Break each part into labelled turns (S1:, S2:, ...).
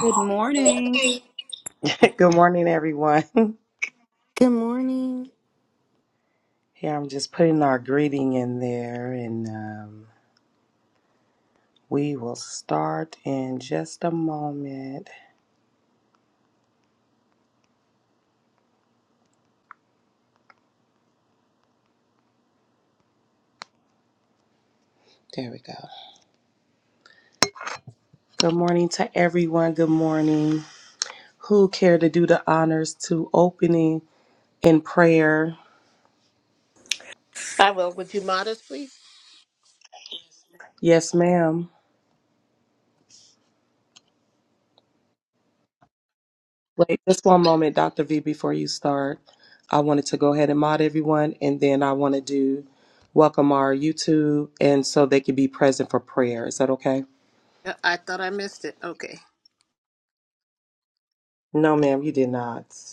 S1: Good morning.
S2: Good morning, everyone.
S3: Good morning.
S2: Here, I'm just putting our greeting in there, and um, we will start in just a moment. There we go. Good morning to everyone. Good morning. Who care to do the honors to opening in prayer?
S4: I will. Would you modest, modestly?
S2: Yes, ma'am. Wait just one moment, Dr. V, before you start. I wanted to go ahead and mod everyone, and then I want to do welcome our YouTube, and so they can be present for prayer. Is that okay?
S4: I thought I missed it. Okay.
S2: No, ma'am, you did not.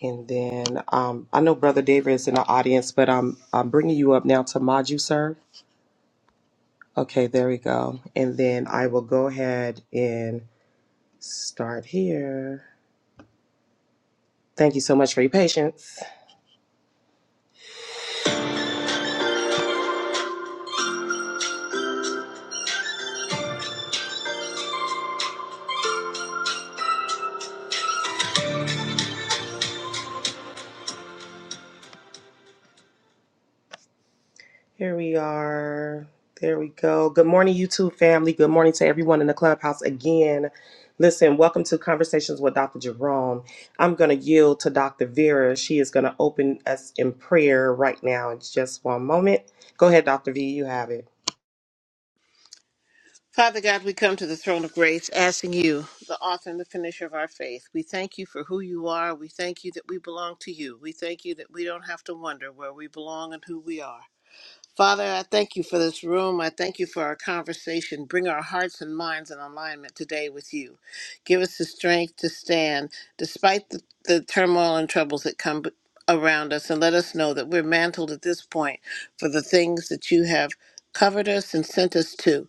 S2: And then um, I know Brother David is in the audience, but I'm I'm bringing you up now to mod you, sir. Okay, there we go. And then I will go ahead and start here. Thank you so much for your patience. Here we are. There we go. Good morning, YouTube family. Good morning to everyone in the clubhouse again. Listen, welcome to Conversations with Dr. Jerome. I'm going to yield to Dr. Vera. She is going to open us in prayer right now. It's just one moment. Go ahead, Dr. V. You have it.
S4: Father God, we come to the throne of grace asking you, the author and the finisher of our faith. We thank you for who you are. We thank you that we belong to you. We thank you that we don't have to wonder where we belong and who we are. Father, I thank you for this room. I thank you for our conversation. Bring our hearts and minds in alignment today with you. Give us the strength to stand despite the, the turmoil and troubles that come b- around us, and let us know that we're mantled at this point for the things that you have covered us and sent us to.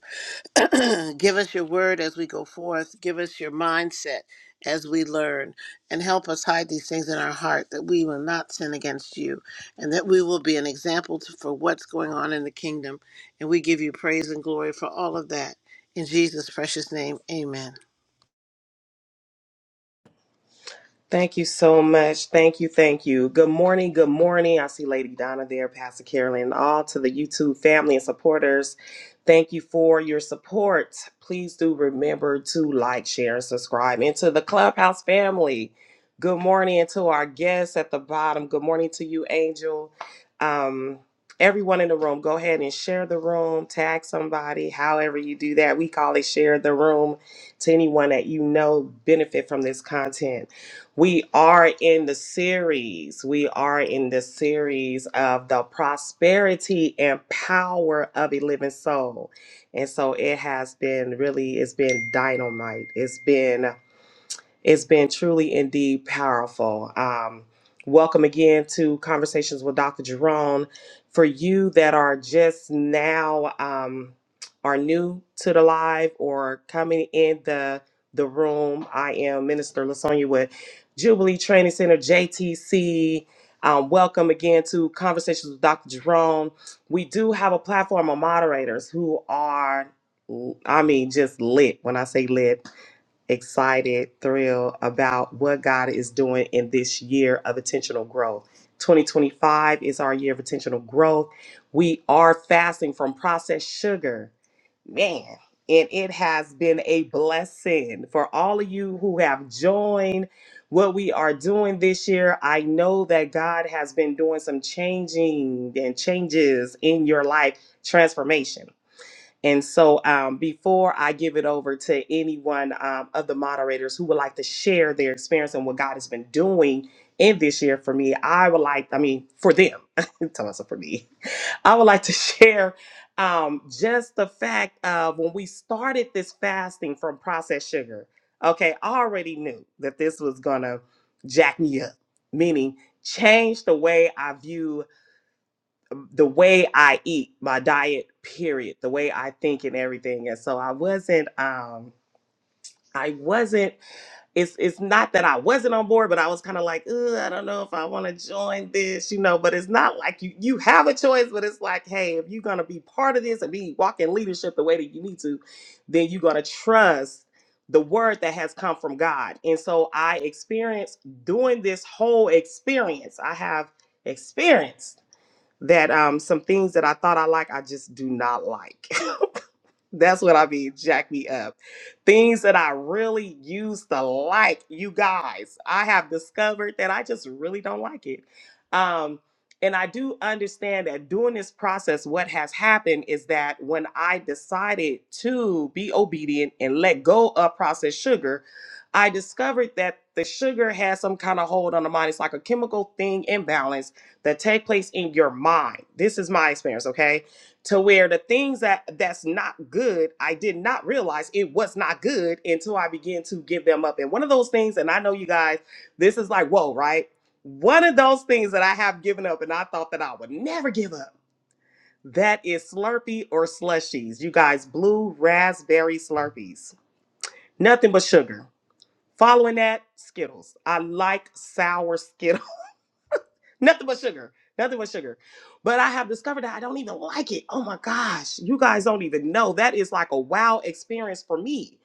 S4: Give us your word as we go forth. Give us your mindset as we learn. And help us hide these things in our heart that we will not sin against you and that we will be an example to, for what's going on in the kingdom. And we give you praise and glory for all of that. In Jesus' precious name, amen.
S2: Thank you so much. Thank you. Thank you. Good morning. Good morning. I see Lady Donna there, Pastor Carolyn, all to the YouTube family and supporters. Thank you for your support. Please do remember to like, share, and subscribe And to the Clubhouse family. Good morning and to our guests at the bottom. Good morning to you, Angel. Um, everyone in the room, go ahead and share the room, tag somebody, however you do that. We call it share the room to anyone that you know benefit from this content. We are in the series. We are in the series of the prosperity and power of a living soul. And so it has been really, it's been dynamite. It's been it's been truly indeed powerful. Um, welcome again to Conversations with Dr. Jerome. For you that are just now um, are new to the live or coming in the the room, I am Minister Lasonia with Jubilee Training Center JTC. Um, welcome again to Conversations with Dr. Jerome. We do have a platform of moderators who are, I mean, just lit. When I say lit, excited, thrilled about what God is doing in this year of intentional growth. 2025 is our year of intentional growth. We are fasting from processed sugar. Man, and it has been a blessing for all of you who have joined what we are doing this year. I know that God has been doing some changing and changes in your life, transformation. And so, um, before I give it over to anyone um, of the moderators who would like to share their experience and what God has been doing in this year for me, I would like, I mean, for them, tell us for me, I would like to share um, just the fact of when we started this fasting from processed sugar. Okay, I already knew that this was gonna jack me up, meaning change the way I view the way I eat, my diet, period, the way I think and everything. And so I wasn't um I wasn't it's it's not that I wasn't on board, but I was kind of like, Ugh, I don't know if I want to join this, you know, but it's not like you you have a choice, but it's like, hey, if you're gonna be part of this and be walking leadership the way that you need to, then you're gonna trust the word that has come from God. And so I experienced doing this whole experience. I have experienced that um, some things that I thought I like, I just do not like. That's what I mean. Jack me up. Things that I really used to like, you guys. I have discovered that I just really don't like it. Um, and I do understand that during this process, what has happened is that when I decided to be obedient and let go of processed sugar, I discovered that the sugar has some kind of hold on the mind. It's like a chemical thing imbalance that take place in your mind. This is my experience, okay? to where the things that that's not good i did not realize it was not good until i began to give them up and one of those things and i know you guys this is like whoa right one of those things that i have given up and i thought that i would never give up that is slurpee or slushies you guys blue raspberry slurpees nothing but sugar following that skittles i like sour Skittles nothing but sugar nothing but sugar but i have discovered that i don't even like it oh my gosh you guys don't even know that is like a wow experience for me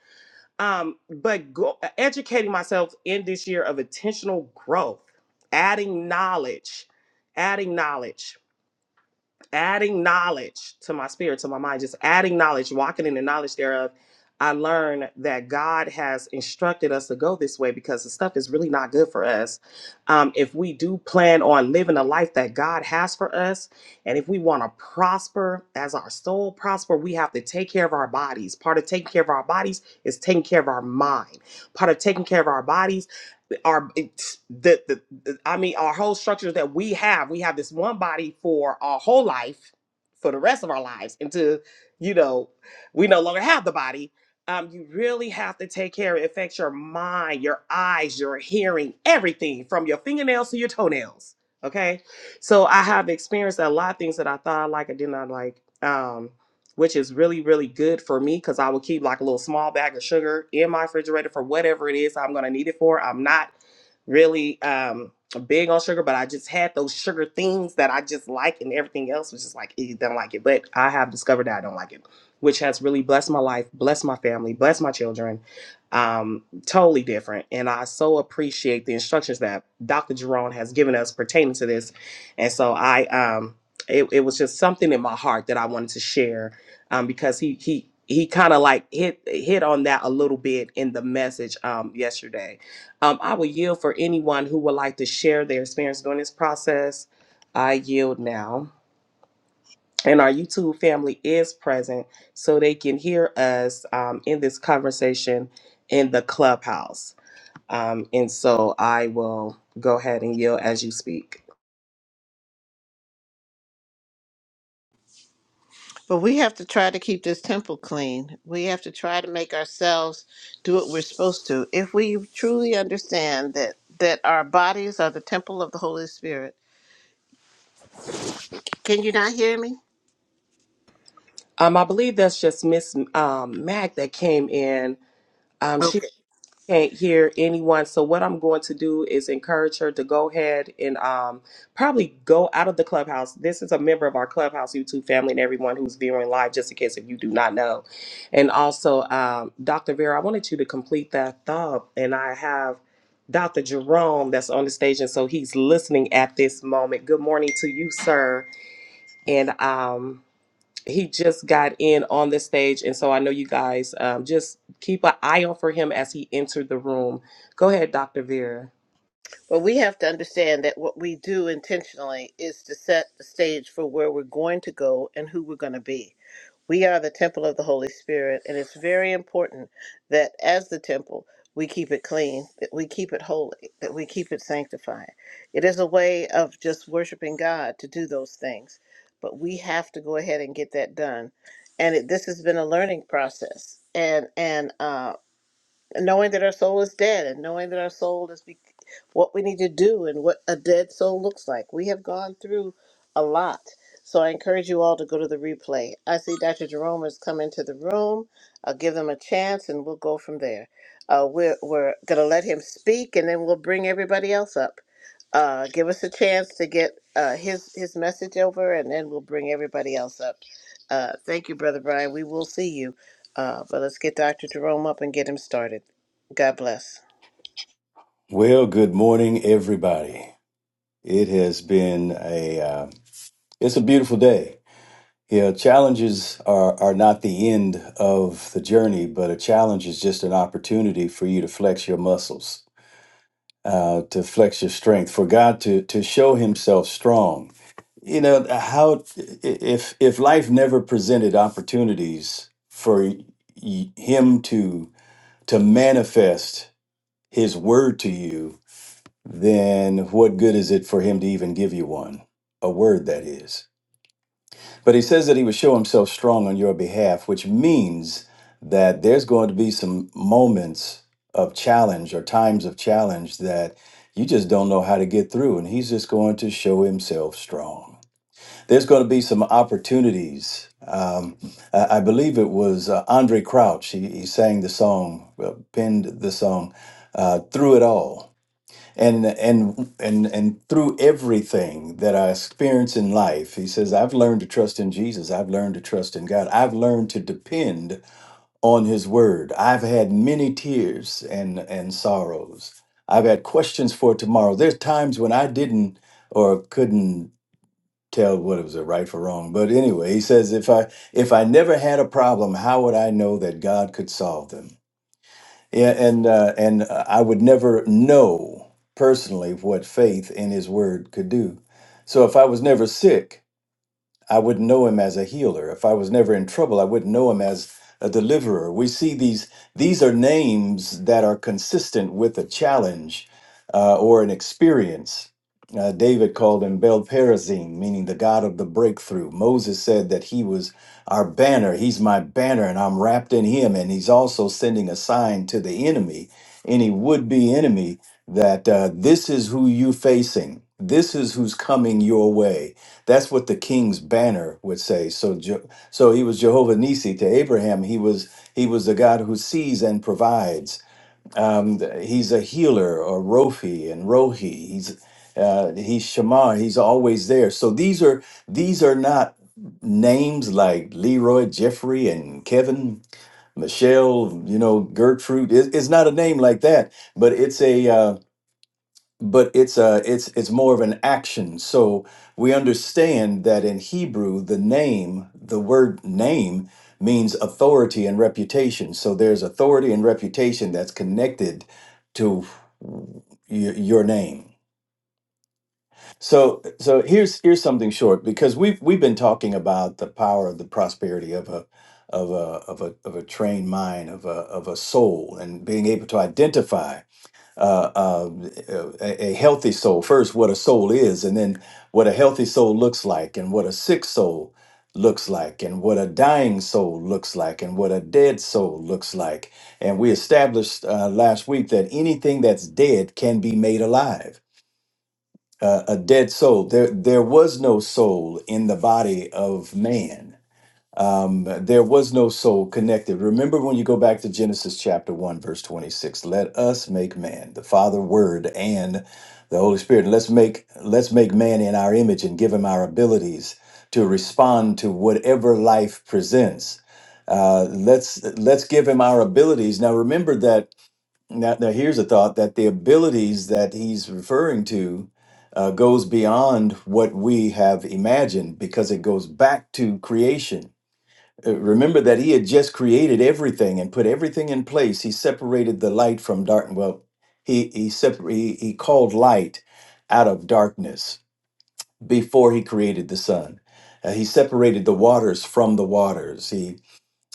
S2: um but go, educating myself in this year of intentional growth adding knowledge adding knowledge adding knowledge to my spirit, to my mind, just adding knowledge, walking in the knowledge thereof, I learned that God has instructed us to go this way because the stuff is really not good for us. Um, if we do plan on living a life that God has for us, and if we want to prosper as our soul prosper, we have to take care of our bodies. Part of taking care of our bodies is taking care of our mind. Part of taking care of our bodies our it's the, the the- i mean our whole structures that we have we have this one body for our whole life for the rest of our lives until you know we no longer have the body um you really have to take care it affects your mind your eyes your hearing everything from your fingernails to your toenails okay so i have experienced a lot of things that i thought i like i did not like um which is really, really good for me because I will keep like a little small bag of sugar in my refrigerator for whatever it is I'm going to need it for. I'm not really um, big on sugar, but I just had those sugar things that I just like, and everything else was just like, "Eh, don't like it. But I have discovered that I don't like it, which has really blessed my life, blessed my family, blessed my children. Um, totally different. And I so appreciate the instructions that Dr. Jerome has given us pertaining to this. And so I, um, it, it was just something in my heart that I wanted to share um, because he he he kind of like hit hit on that a little bit in the message um, yesterday. Um, I will yield for anyone who would like to share their experience during this process. I yield now. And our YouTube family is present so they can hear us um, in this conversation in the clubhouse. Um, and so I will go ahead and yield as you speak.
S4: But we have to try to keep this temple clean. We have to try to make ourselves do what we're supposed to. If we truly understand that, that our bodies are the temple of the Holy Spirit, can you not hear me?
S2: Um, I believe that's just Miss um, Mac that came in. Um, She.
S4: Okay.
S2: can't hear anyone. So what I'm going to do is encourage her to go ahead and um, probably go out of the clubhouse. This is a member of our clubhouse YouTube family and everyone who's viewing live, just in case if you do not know. And also, um, Dr. Vera, I wanted you to complete that thought, and I have Dr. Jerome that's on the stage, and so he's listening at this moment. Good morning to you, sir. And um, he just got in on the stage and so i know you guys um, just keep an eye out for him as he entered the room go ahead dr vera
S4: But we have to understand that what we do intentionally is to set the stage for where we're going to go and who we're going to be. We are the temple of the Holy Spirit, and it's very important that as the temple, we keep it clean, that we keep it holy, that we keep it sanctified. It is a way of just worshiping God to do those things, but we have to go ahead and get that done. And it, this has been a learning process, and and um and knowing that our soul is dead and knowing that our soul is be- what we need to do and what a dead soul looks like. We have gone through a lot. So I encourage you all to go to the replay. I see Dr. Jerome has come into the room. I'll give him a chance and we'll go from there. Uh, we're we're going to let him speak and then we'll bring everybody else up. Uh, give us a chance to get uh, his, his message over and then we'll bring everybody else up. Uh, thank you, Brother Brian. We will see you. Uh, but let's get Dr. Jerome up and get him started. God bless.
S5: Well, good morning, everybody. It has been a uh, it's a beautiful day. Yeah, challenges are are not the end of the journey, but a challenge is just an opportunity for you to flex your muscles, uh, to flex your strength, for God to to show Himself strong. You know how if if life never presented opportunities for y- Him to to manifest His word to you, then what good is it for him to even give you one? A word, that is. But he says that he would show himself strong on your behalf, which means that there's going to be some moments of challenge or times of challenge that you just don't know how to get through, and he's just going to show himself strong. There's going to be some opportunities. Um, I I believe it was uh, Andre Crouch. He, he sang the song, uh, penned the song, uh, Through It All and and and and through everything that I experience in life, he says, I've learned to trust in Jesus. I've learned to trust in God. I've learned to depend on His Word. I've had many tears and and sorrows. I've had questions for tomorrow. There's times when I didn't or couldn't tell what it was a right for wrong. But anyway, he says, if I if I never had a problem, how would I know that God could solve them? Yeah, and uh, and uh, I would never know personally what faith in His Word could do. So if I was never sick, I would know him as a healer. If I was never in trouble, I would know him as a deliverer. We see these, these are names that are consistent with a challenge uh, or an experience. Uh, David called him Bel Perazim, meaning the God of the breakthrough. Moses said that he was our banner. He's my banner, and I'm wrapped in him. And he's also sending a sign to the enemy, any would be enemy, that uh, this is who you facing. This is who's coming your way that's what the king's banner would say. So, Je- so he was Jehovah Nissi to Abraham. He was he was the God who sees and provides. Um, he's a healer, or Rofi and Rohi. He's uh, he's Shema. He's always there. So these are these are not names like Leroy, Jeffrey, and Kevin, Michelle. You know, Gertrude. It, it's not a name like that, but it's a. uh, but it's a it's it's more of an action so we understand that in hebrew the name the word name means authority and reputation so there's authority and reputation that's connected to y- your name so so here's here's something short because we've we've been talking about the power of the prosperity of a of a of a of a trained mind of a of a soul and being able to identify uh, uh, a, a healthy soul first what a soul is and then what a healthy soul looks like and what a sick soul looks like and what a dying soul looks like and what a dead soul looks like and we established uh, last week that anything that's dead can be made alive uh, a dead soul there there was no soul in the body of man um, there was no soul connected. Remember when you go back to Genesis chapter 1, verse 26, let us make man, the Father, Word, and the Holy Spirit. Let's make let's make man in our image and give him our abilities to respond to whatever life presents. Uh, let's let's give him our abilities. Now remember that now, now here's a thought that the abilities that he's referring to uh, goes beyond what we have imagined because it goes back to creation uh, Remember that he had just created everything and put everything in place. He separated the light from dark. Well, he he, separ- he he called light out of darkness before he created the sun. Uh, he separated the waters from the waters. He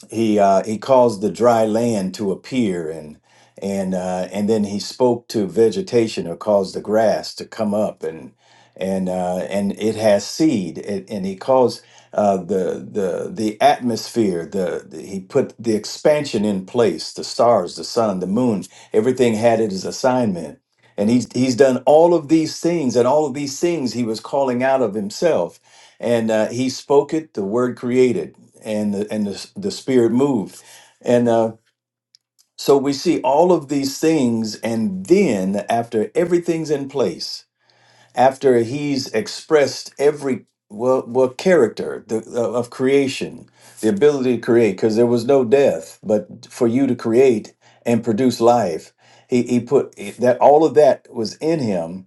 S5: he uh, he caused the dry land to appear and and uh, and then he spoke to vegetation or caused the grass to come up and and uh, and it has seed and, and he caused uh, the the the atmosphere the, the he put the expansion in place the stars the sun the moon everything had it as assignment and he's he's done all of these things and all of these things he was calling out of himself and uh, he spoke it the word created and the, and the, the spirit moved and uh, so we see all of these things and then after everything's in place after he's expressed every well, well character the, uh, of creation the ability to create because there was no death but for you to create and produce life he, he put that all of that was in him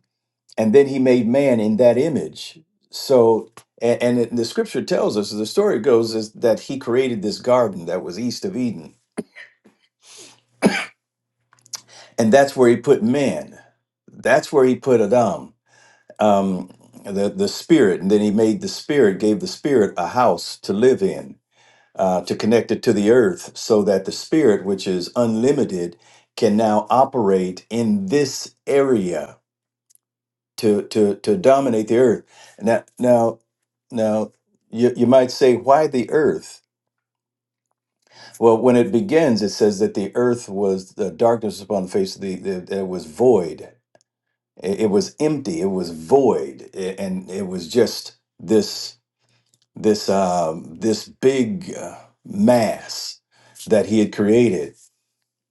S5: and then he made man in that image so and, and it- the scripture tells us the story goes is that he created this garden that was east of eden and that's where he put man that's where he put adam um, the, the spirit and then he made the spirit gave the spirit a house to live in uh, to connect it to the earth so that the spirit which is unlimited can now operate in this area to to to dominate the earth now now Now, you, you might say, why the earth? Well, when it begins, it says that the earth was the darkness upon the face of the, the that it was void. It, it was empty. It was void, a- and it was just this this um, this big uh, mass that he had created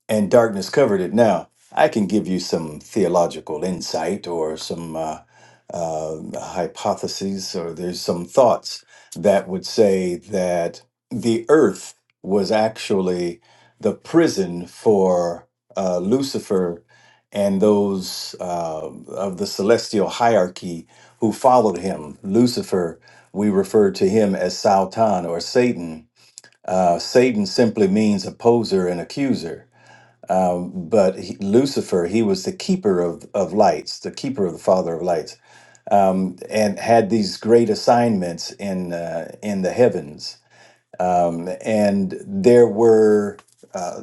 S5: and darkness covered it. Now, I can give you some theological insight or some uh, uh, hypotheses, or there's some thoughts that would say that the earth was actually the prison for uh, Lucifer and those uh, of the celestial hierarchy who followed him. Lucifer, we refer to him as Sautan or Satan. Uh, Satan simply means opposer and accuser but he, Lucifer, he was the keeper of, of lights, the keeper of the father of lights, um, and had these great assignments in uh, in the heavens. Um, and there were uh,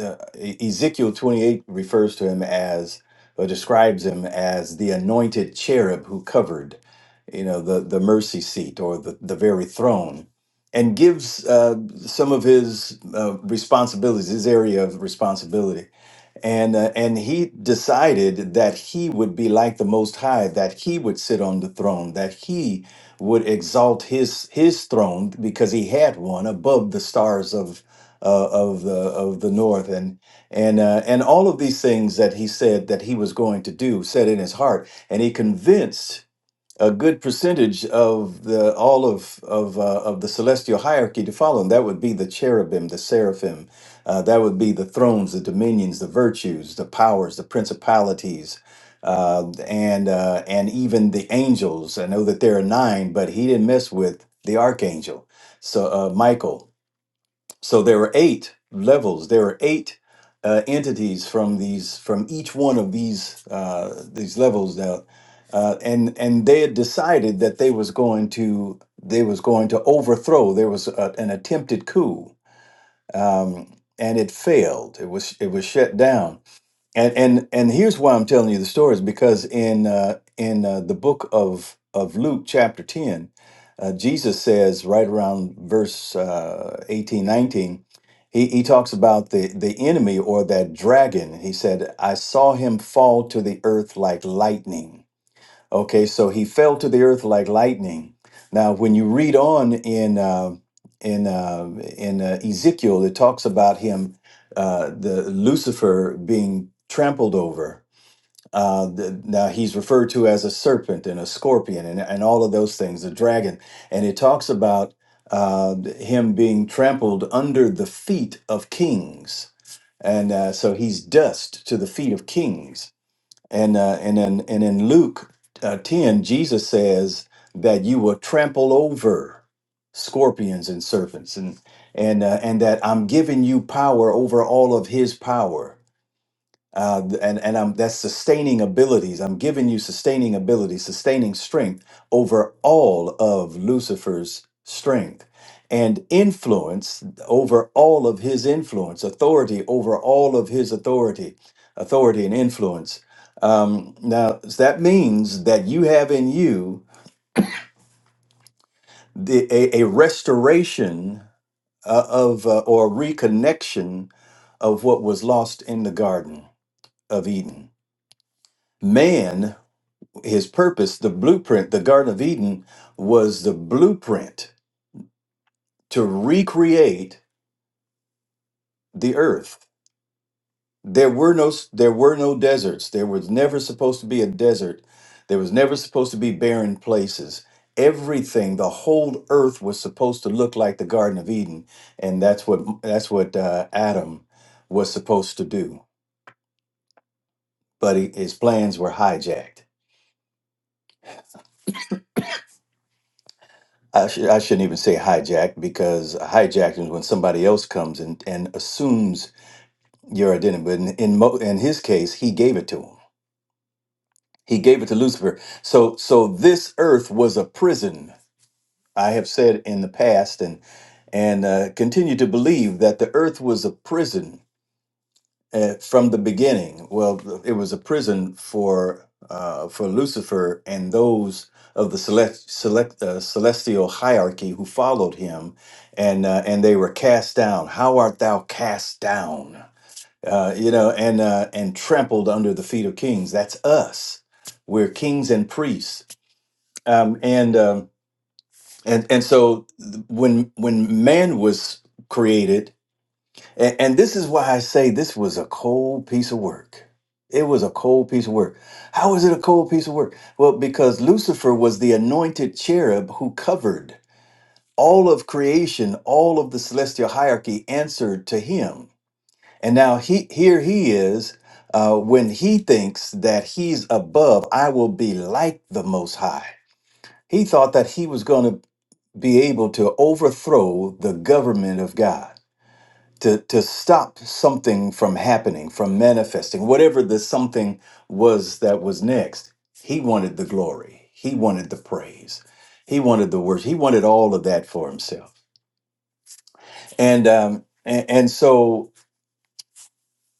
S5: uh, Ezekiel twenty eight refers to him as or describes him as the anointed cherub who covered, you know, the the mercy seat or the the very throne. And gives uh, some of his uh, responsibilities, his area of responsibility and uh, and he decided that he would be like the most high that he would sit on the throne that he would exalt his his throne because he had one above the stars of uh, of the of the north and and uh, and all of these things that he said that he was going to do said in his heart and he convinced a good percentage of the all of of uh, of the celestial hierarchy to follow. And that would be the cherubim, the seraphim. Uh, that would be the thrones, the dominions, the virtues, the powers, the principalities, uh, and uh, and even the angels. I know that there are nine, but he didn't mess with the archangel, so uh, Michael. So there are eight levels. There are eight uh, entities from these from each one of these uh, these levels that, uh, and and they had decided that they was going to they was going to overthrow. There was a, an attempted coup, um, and it failed. It was it was shut down and and and here's why I'm telling you the story is because in uh, in uh, the book of of Luke chapter 10 uh, Jesus says right around verse uh, 18 19 he, he talks about the the enemy or that dragon he said I saw him fall to the earth like lightning Okay, so he fell to the earth like lightning. Now, when you read on in uh, in uh, in uh, Ezekiel, it talks about him, uh, the Lucifer being trampled over. Uh, the, now he's referred to as a serpent and a scorpion and, and all of those things, a dragon, and it talks about uh, him being trampled under the feet of kings, and uh, so he's dust to the feet of kings and uh, and in and in Luke uh, ten, Jesus says that you will trample over scorpions and serpents, and and uh, and that I'm giving you power over all of His power uh, and and I'm that's sustaining abilities. I'm giving you sustaining ability, sustaining strength over all of Lucifer's strength, and influence over all of his influence, authority over all of his authority, authority and influence. Um, now that means that you have in you the, a, a restoration uh, of uh, or reconnection of what was lost in the Garden of Eden. Man his purpose, the blueprint, the Garden of Eden was the blueprint to recreate the earth. There were no there were no deserts. There was never supposed to be a desert. There was never supposed to be barren places. Everything, the whole earth was supposed to look like the Garden of Eden, and that's what that's what uh, Adam was supposed to do. But he, his plans were hijacked. I, sh- I shouldn't even say hijacked because hijacked is when somebody else comes and, and assumes your identity. But in in, Mo, in his case, he gave it to him. He gave it to Lucifer. So so this earth was a prison. I have said in the past and and uh, continue to believe that the earth was a prison uh, from the beginning. Well, it was a prison for uh, for Lucifer and those of the select, select uh, celestial hierarchy who followed him, and uh, and they were cast down. How art thou cast down? Uh, you know, and uh, and trampled under the feet of kings. That's us. We're kings and priests. Um, and um, and and so th- when when man was created and, and this is why I say this was a cold piece of work. It was a cold piece of work. How is it a cold piece of work? Well, because Lucifer was the anointed cherub who covered all of creation, all of the celestial hierarchy answered to him. And now he, here he is uh, when he thinks that he's above, I will be like the Most High. He thought that he was going to be able to overthrow the government of God to to stop something from happening, from manifesting, whatever the something was that was next. He wanted the glory. He wanted the praise. He wanted the worship. He wanted all of that for himself. And um, and, and so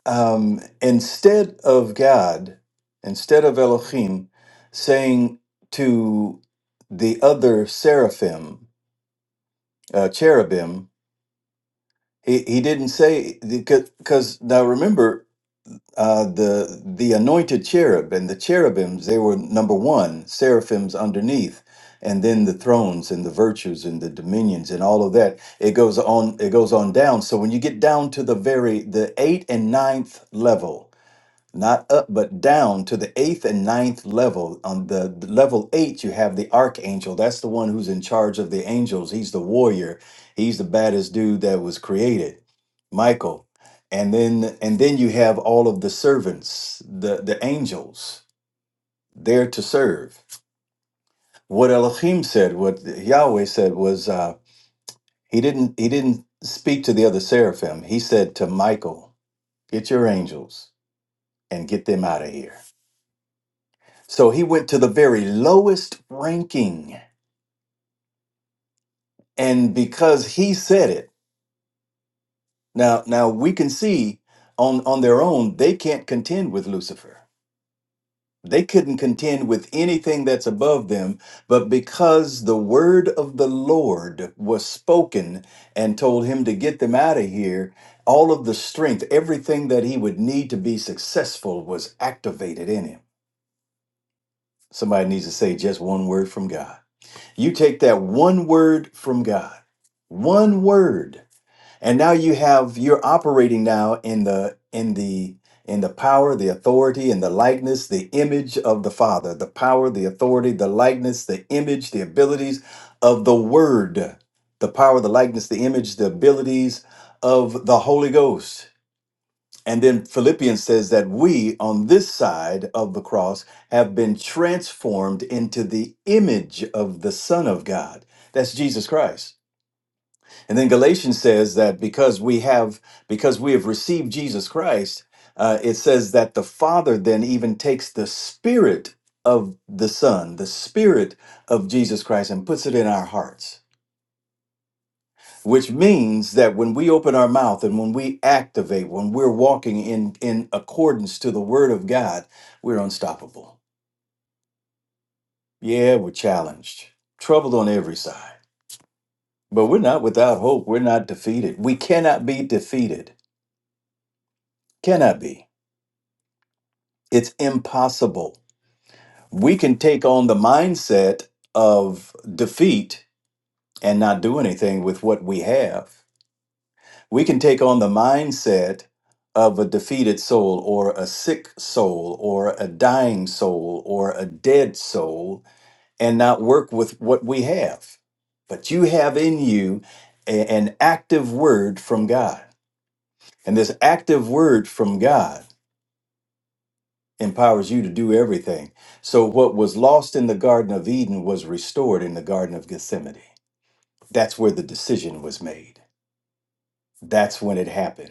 S5: um, instead of God, instead of Elohim, saying to the other seraphim, uh, cherubim, he, he didn't say because now remember uh, the the anointed cherub and the cherubims they were number one seraphims underneath and then the thrones and the virtues and the dominions and all of that it goes on it goes on down so when you get down to the very the eighth and ninth level not up but down to the eighth and ninth level on the, the level eight you have the archangel that's the one who's in charge of the angels he's the warrior he's the baddest dude that was created michael and then and then you have all of the servants the the angels there to serve what elohim said what yahweh said was uh he didn't he didn't speak to the other seraphim he said to michael get your angels and get them out of here So he went to the very lowest ranking. And because he said it, now now we can see on, on their own, they can't contend with Lucifer. They couldn't contend with anything that's above them, but because the word of the Lord was spoken and told him to get them out of here, all of the strength, everything that he would need to be successful was activated in him. Somebody needs to say just one word from God. You take that one word from God, one word, and now you have you're operating now in the in the in the power, the authority, and the likeness, the image of the Father, the power, the authority, the likeness, the image, the abilities of the Word, the power, the likeness, the image, the abilities of the Holy Ghost. And then Philippians says that we on this side of the cross have been transformed into the image of the Son of God. That's Jesus Christ. And then Galatians says that because we have because we have received Jesus Christ, uh, it says that the Father then even takes the Spirit of the Son, the Spirit of Jesus Christ, and puts it in our hearts which means that when we open our mouth and when we activate, when we're walking in, in accordance to the word of God, we're unstoppable. Yeah, we're challenged, troubled on every side, but we're not without hope. We're not defeated. We cannot be defeated. Cannot be. It's impossible. We can take on the mindset of defeat and not do anything with what we have we can take on the mindset of a defeated soul or a sick soul or a dying soul or a dead soul and not work with what we have. But you have in you a- an active word from God. And this active word from God empowers you to do everything. So what was lost in the Garden of Eden was restored in the Garden of Gethsemane. That's where the decision was made. That's when it happened.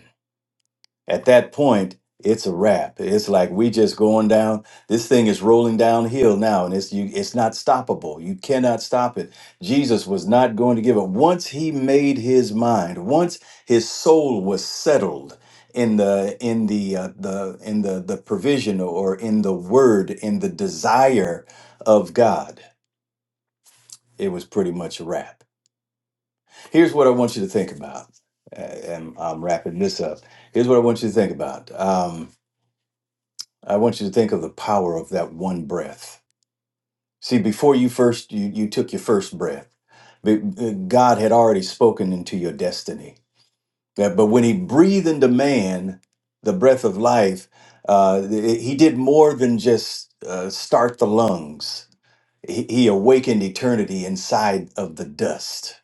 S5: At that point, it's a wrap. It's like we just going down. This thing is rolling downhill now, and it's you. It's not stoppable. You cannot stop it. Jesus was not going to give up. Once he made his mind, once his soul was settled in the in the uh, the in the the provision or in the word in the desire of God, it was pretty much a wrap. Here's what I want you to think about, Uh, and I'm wrapping this up. Here's what I want you to think about. Um, I want you to think of the power of that one breath. See, before you first you, you took your first breath, be- uh, God had already spoken into your destiny. Yeah, But when He breathed into man the breath of life, uh, th- He did more than just uh, start the lungs. He, he awakened eternity inside of the dust.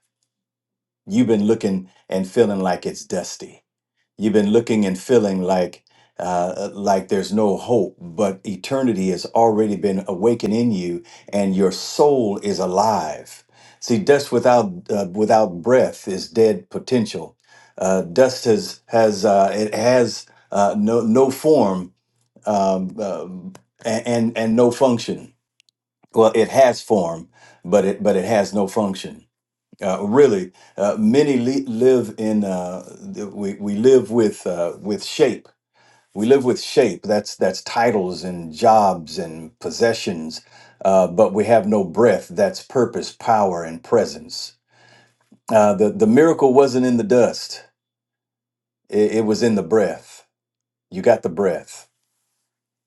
S5: You've been looking and feeling like it's dusty. You've been looking and feeling like uh, like there's no hope, but eternity has already been awakened in you, and your soul is alive. See, dust without uh, without breath is dead potential. Uh, dust has has uh, it has uh, no no form um, um, and, and and no function. Well, it has form, but it but it has no function uh, really, uh, many le- live in. Uh, th- we we live with uh, with shape. We live with shape. That's that's titles and jobs and possessions, uh, but we have no breath. That's purpose, power, and presence. Uh, the the miracle wasn't in the dust. It, it was in the breath. You got the breath.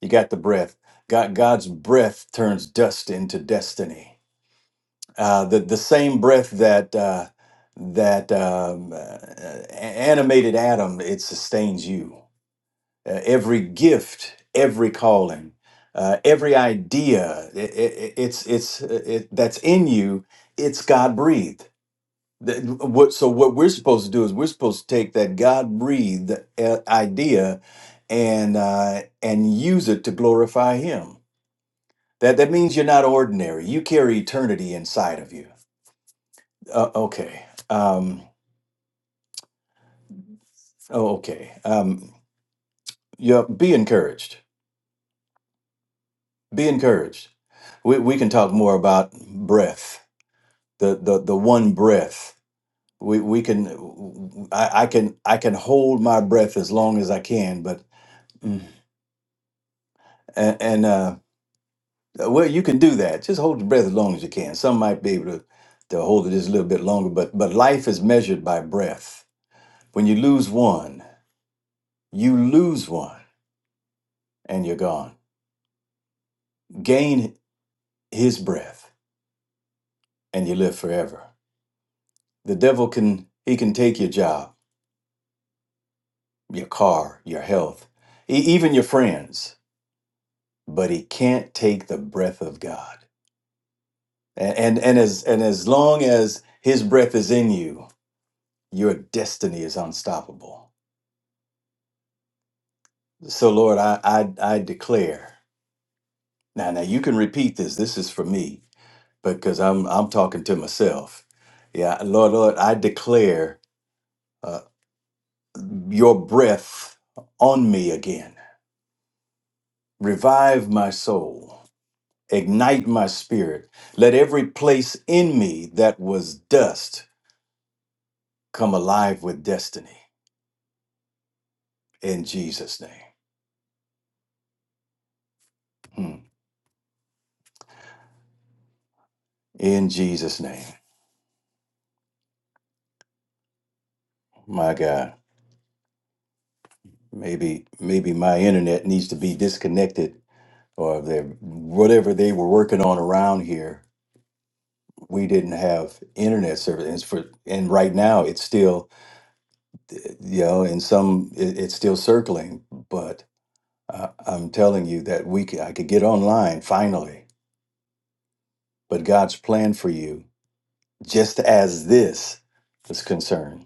S5: You got the breath. God God's breath turns dust into destiny. Uh, the the same breath that uh, that um, uh, animated Adam, it sustains you. Uh, every gift, every calling, uh, every idea, i i i- it's it's uh, it, that's in you. It's God breathed. What so what we're supposed to do is we're supposed to take that God breathed uh, idea and uh, and use it to glorify Him. That that means you're not ordinary. You carry eternity inside of you uh, okay. Um, oh, okay. Um, yeah, be encouraged. Be encouraged. We, we can talk more about breath, the, the, the one breath. We, we can, I, I can, I can hold my breath as long as I can, but, mm, and, and, uh, well, you can do that. Just hold your breath as long as you can. Some might be able to, to hold it just a little bit longer, but, but life is measured by breath. When you lose one, you lose one and you're gone. Gain his breath and you live forever. The devil can he can take your job, your car, your health, e- even your friends, but he can't take the breath of God. And and, and as and as long as his breath is in you, your destiny is unstoppable. So Lord, I I, I declare. Now now you can repeat this. This is for me because I'm I'm talking to myself. Yeah, Lord, Lord, I declare uh, your breath on me again Revive my soul, ignite my spirit. Let every place in me that was dust come alive with destiny. In Jesus' name. Hmm. In Jesus' name. My God. Maybe maybe my internet needs to be disconnected or they whatever they were working on around here. We didn't have internet service and, it's for, and right now it's still you know in some it, it's still circling I, I'm telling you that we could, I could get online finally, but God's plan for you, just as this was concerned,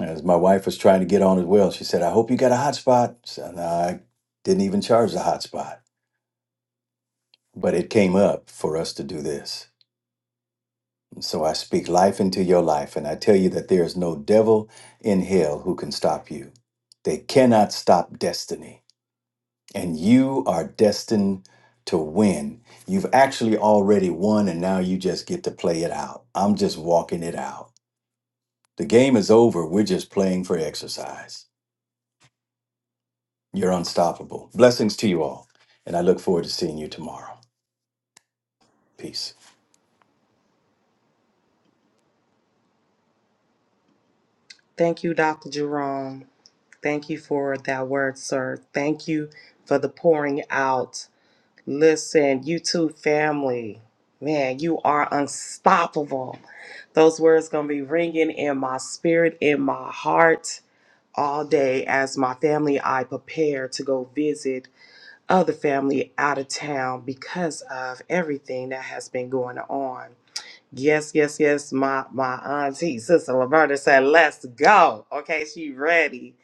S5: as my wife was trying to get on as well, she said, "I hope you got a hotspot." So no, I didn't even charge the hotspot, but it came up for us to do this. And so I speak life into your life, and I tell you that there is no devil in hell who can stop you. They cannot stop destiny. and you are destined to win. You've actually already won, and now you just get to play it out. I'm just walking it out. The game is over. We're just playing for exercise. You're unstoppable. Blessings to you all, and I look forward to seeing you tomorrow. Peace.
S2: Thank you, Dr. Jerome. Thank you for that word, sir. Thank you for the pouring out. Listen, you two family, man, you are unstoppable. Those words going to be ringing in my spirit, in my heart all day as my family and I prepare to go visit other family out of town because of everything that has been going on. Yes, yes, yes. My my auntie, Sister Roberta said, let's go. Okay, she ready.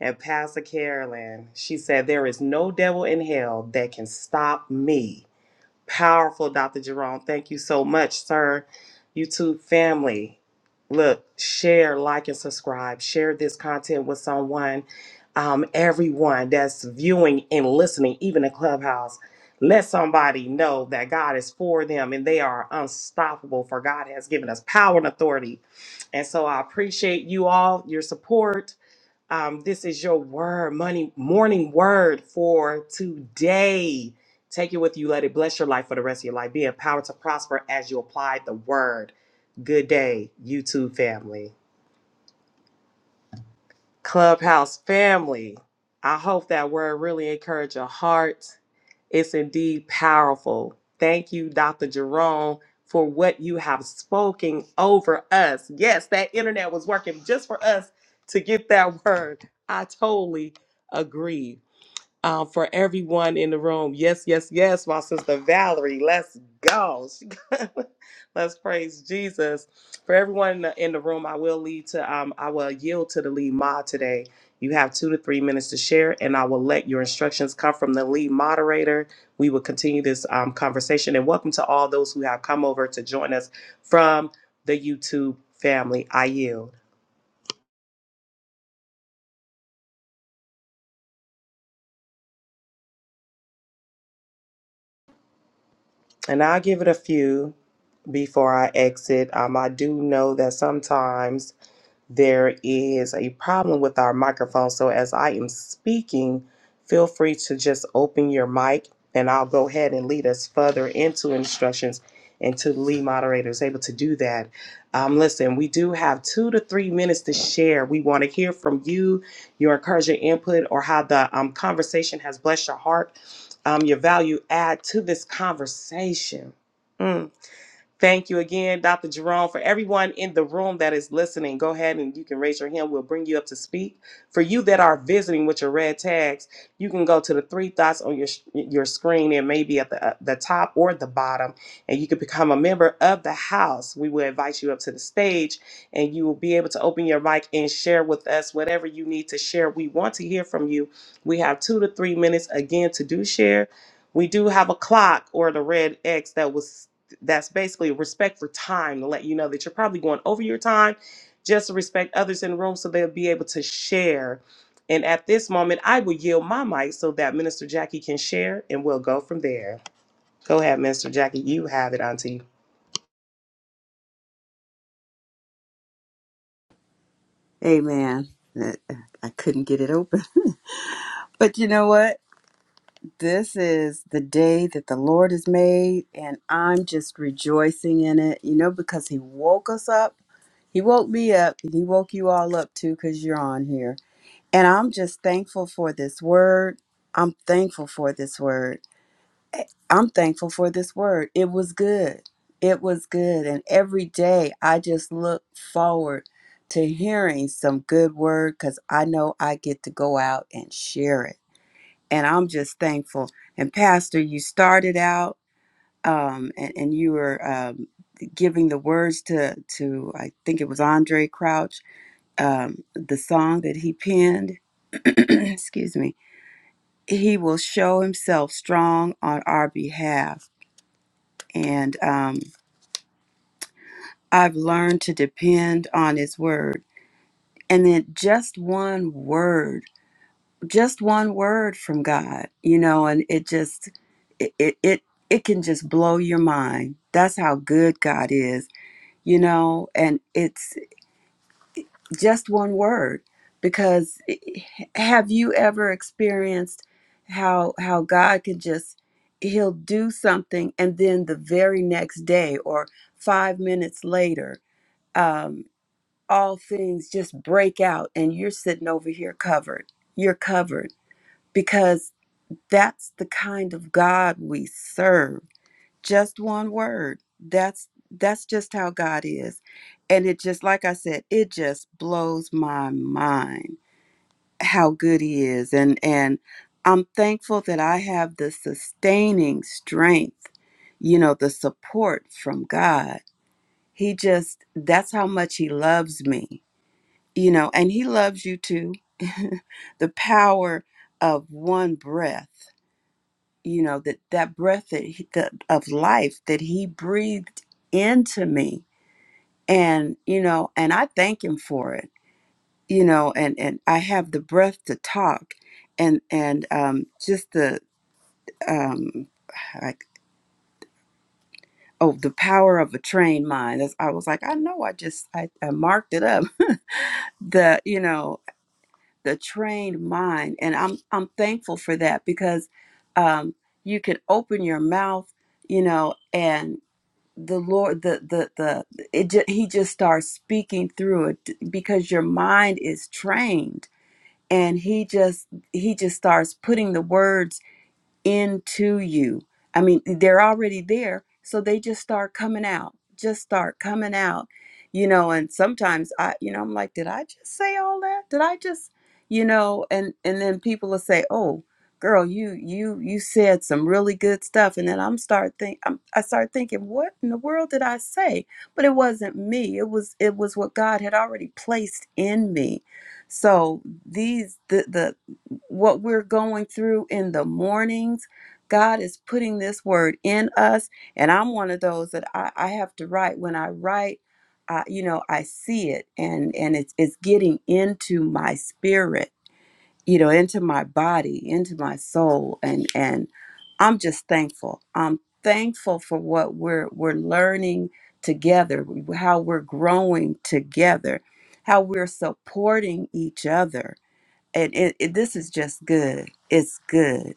S2: And Pastor Carolyn, she said, There is no devil in hell that can stop me Powerful, Dr. Jerome. Thank you so much, sir. YouTube family, look, share, like, and subscribe. Share this content with someone, um, everyone that's viewing and listening, even the clubhouse. Let somebody know that God is for them and they are unstoppable, for God has given us power and authority. And so I appreciate you all, your support. Um, this is your word, money, morning word for today. Take it with you. Let it bless your life for the rest of your life. Be empowered to prosper as you apply the word. Good day, YouTube family, Clubhouse family. I hope that word really encouraged your heart. It's indeed powerful. Thank you, Dr. Jerome, for what you have spoken over us. Yes, that internet was working just for us to get that word. I totally agree. um, for everyone in the room. Yes, yes, yes, my sister Valerie. Let's go. She got- Let's praise Jesus. For everyone in the, in the room, I will lead to, um, I will yield to the lead mod today. You have two to three minutes to share, and I will let your instructions come from the lead moderator. We will continue this um, conversation. And welcome to all those who have come over to join us from the YouTube family. I yield. And I'll give it a few before I exit. Um, I do know that sometimes there is a problem with our microphone. So as I am speaking, feel free to just open your mic and I'll go ahead and lead us further into instructions and to the lead moderator is able to do that. Um, listen, we do have two to three minutes to share. We want to hear from you, your encouraging input, or how the um, conversation has blessed your heart, um, your value add to this conversation. Mm. Thank you again, Dr. Jerome. For everyone in the room that is listening, go ahead and you can raise your hand. We'll bring you up to speak. For you that are visiting with your red tags, you can go to the three dots on your your screen and maybe at the uh, the top or the bottom, and you can become a member of the house. We will invite you up to the stage, and you will be able to open your mic and share with us whatever you need to share. We want to hear from you. We have two to three minutes again to do share. We do have a clock or the red X that was that's basically respect for time to let you know that you're probably going over your time just to respect others in the room so they'll be able to share. And at this moment, I will yield my mic so that Minister Jackie can share and we'll go from there. Go ahead, Minister Jackie. You have it, Auntie.
S1: Amen. Uh, I couldn't get it open. But you know what? This is the day that the Lord has made, and I'm just rejoicing in it, you know, because He woke us up. He woke me up, and He woke you all up too, because you're on here. And I'm just thankful for this word. I'm thankful for this word. I'm thankful for this word. It was good. It was good. And every day I just look forward to hearing some good word because I know I get to go out and share it. And I'm just thankful. And Pastor, you started out um, and, and you were um, giving the words to, to, I think it was Andre Crouch, um, the song that he penned. Excuse me. He will show himself strong on our behalf. And, um, I've learned to depend on His Word. And then just one word, just one word from God, you know, and it just, it, it, it, it can just blow your mind. That's how good God is, you know, and it's just one word. Because eh, have you ever experienced how how God can just he'll do something and then the very next day or five minutes later um. all things just break out and you're sitting over here covered. You're covered because that's the kind of God we serve. Just one word. That's that's just how God is. And it just like I said, it just blows my mind how good he is and and I'm thankful that I have the sustaining strength, you know, the support from God. He just that's how much he loves me you know, and He loves you too. the power of one breath, you know, that that breath that he, that, of life that He breathed into me, and you know, and I thank Him for it, you know, and and I have the breath to talk, and and um, just the um, like oh the power of a trained mind. That's, I was like, I know, I just I, I marked it up. the you know the trained mind and i'm i'm thankful for that because um you can open your mouth you know and the lord the the the it ju- he just starts speaking through it because your mind is trained and he just he just starts putting the words into you. I mean, they're already there, so they just start coming out, just start coming out, you know. And sometimes I, you know, I'm like, did I just say all that? Did I just, you know? And and then people will say, oh, girl, you you you said some really good stuff, and then I'm start think I'm, I start thinking, what in the world did I say? But it wasn't me. It was it was what God had already placed in me. So these the the what we're going through in the mornings. God is putting this word in us. And I'm one of those that I, I have to write. When I write, I, you know, I see it and, and it's, it's getting into my spirit, you know, into my body, into my soul. And, and I'm just thankful. I'm thankful for what we're, we're learning together, how we're growing together, how we're supporting each other and it, it, this is just good. It's good.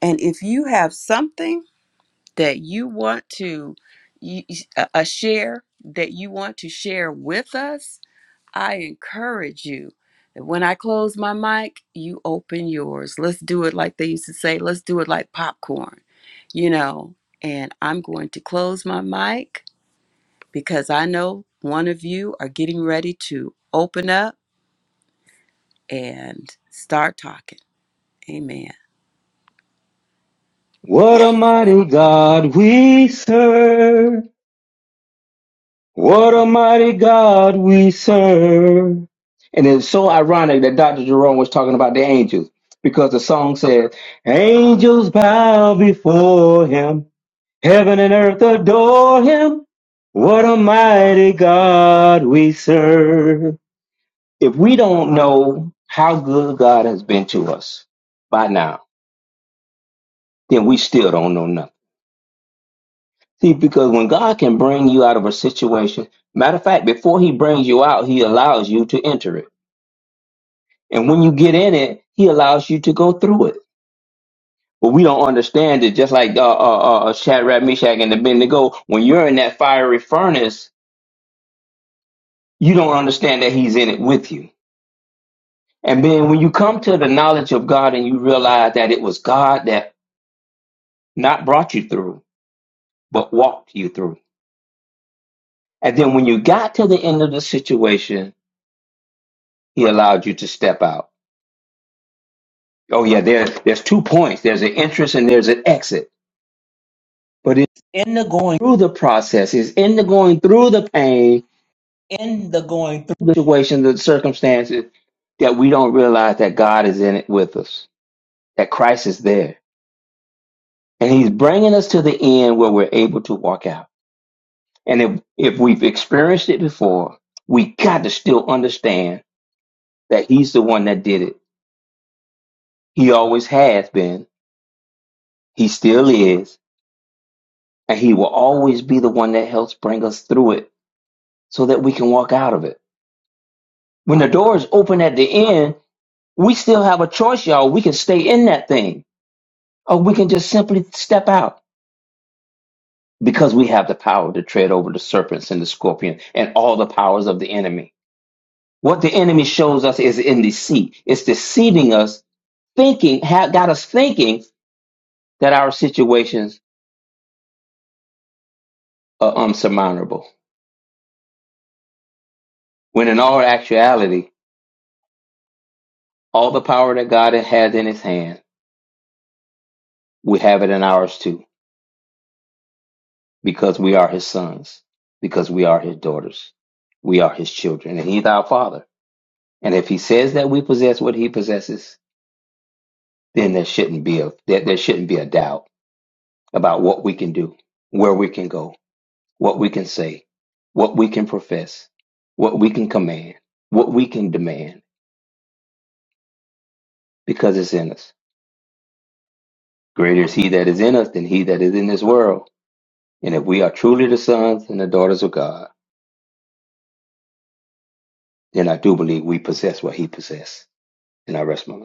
S1: And if you have something that you want to you, a a share that you want to share with us, I encourage you. that When I close my mic, you open yours. Let's do it like they used to say. Let's do it like popcorn, you know. And I'm going to close my mic because I know one of you are getting ready to open up and start talking. Amen.
S6: What a mighty God we serve. What a mighty God we serve. And it's so ironic that Dr. Jerome was talking about the angels because the song says, Angels bow before him, heaven and earth adore him. What a mighty God we serve. If we don't know how good God has been to us by now, then we still don't know nothing. See, because when God can bring you out of a situation, matter of fact, before He brings you out, He allows you to enter it. And when you get in it, He allows you to go through it. But we don't understand it. Just like uh, uh, uh, uh, Shadrach, Meshach, and Abednego, when you're in that fiery furnace, you don't understand that He's in it with you. And then when you come to the knowledge of God and you realize that it was God that not brought you through, but walked you through. And then when you got to the end of the situation, He allowed you to step out. Oh yeah, there's there's two points. There's an entrance and there's an exit. But it's in the going through the process, it's in the going through the pain, in the going through the situation, the circumstances, that we don't realize that God is in it with us, that Christ is there. And he's bringing us to the end where we're able to walk out. And if, if we've experienced it before, we got to still understand that he's the one that did it. He always has been. He still is And He will always be the one that helps bring us through it so that we can walk out of it. When the door is open at the end, we still have a choice, y'all. We can stay in that thing or we can just simply step out because we have the power to tread over the serpents and the scorpion and all the powers of the enemy. What the enemy shows us is in deceit. It's deceiving us, thinking, ha- got us thinking that our situations are unsurmountable. When in all actuality, all the power that God had in his hand we have it in ours too, because we are his sons, because we are his daughters, we are his children, and he's our father. And if he says that we possess what he possesses, then there shouldn't be a there, there shouldn't be a doubt about what we can do, where we can go, what we can say, what we can profess, what we can command, what we can demand, because it's in us. Greater is he that is in us than he that is in this world. And if we are truly the sons and the daughters of God, then I do believe we possess what he possessed. And I rest my mind.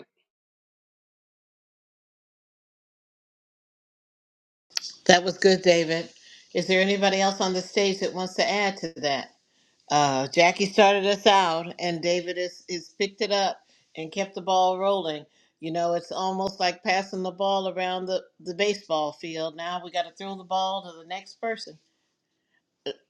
S4: That was good, David. Is there anybody else on the stage that wants to add to that? Uh, Jackie started us out, and David is, is picked it up and kept the ball rolling. You know, it's almost like passing the ball around the, the baseball field. Now we got to throw the ball to the next person.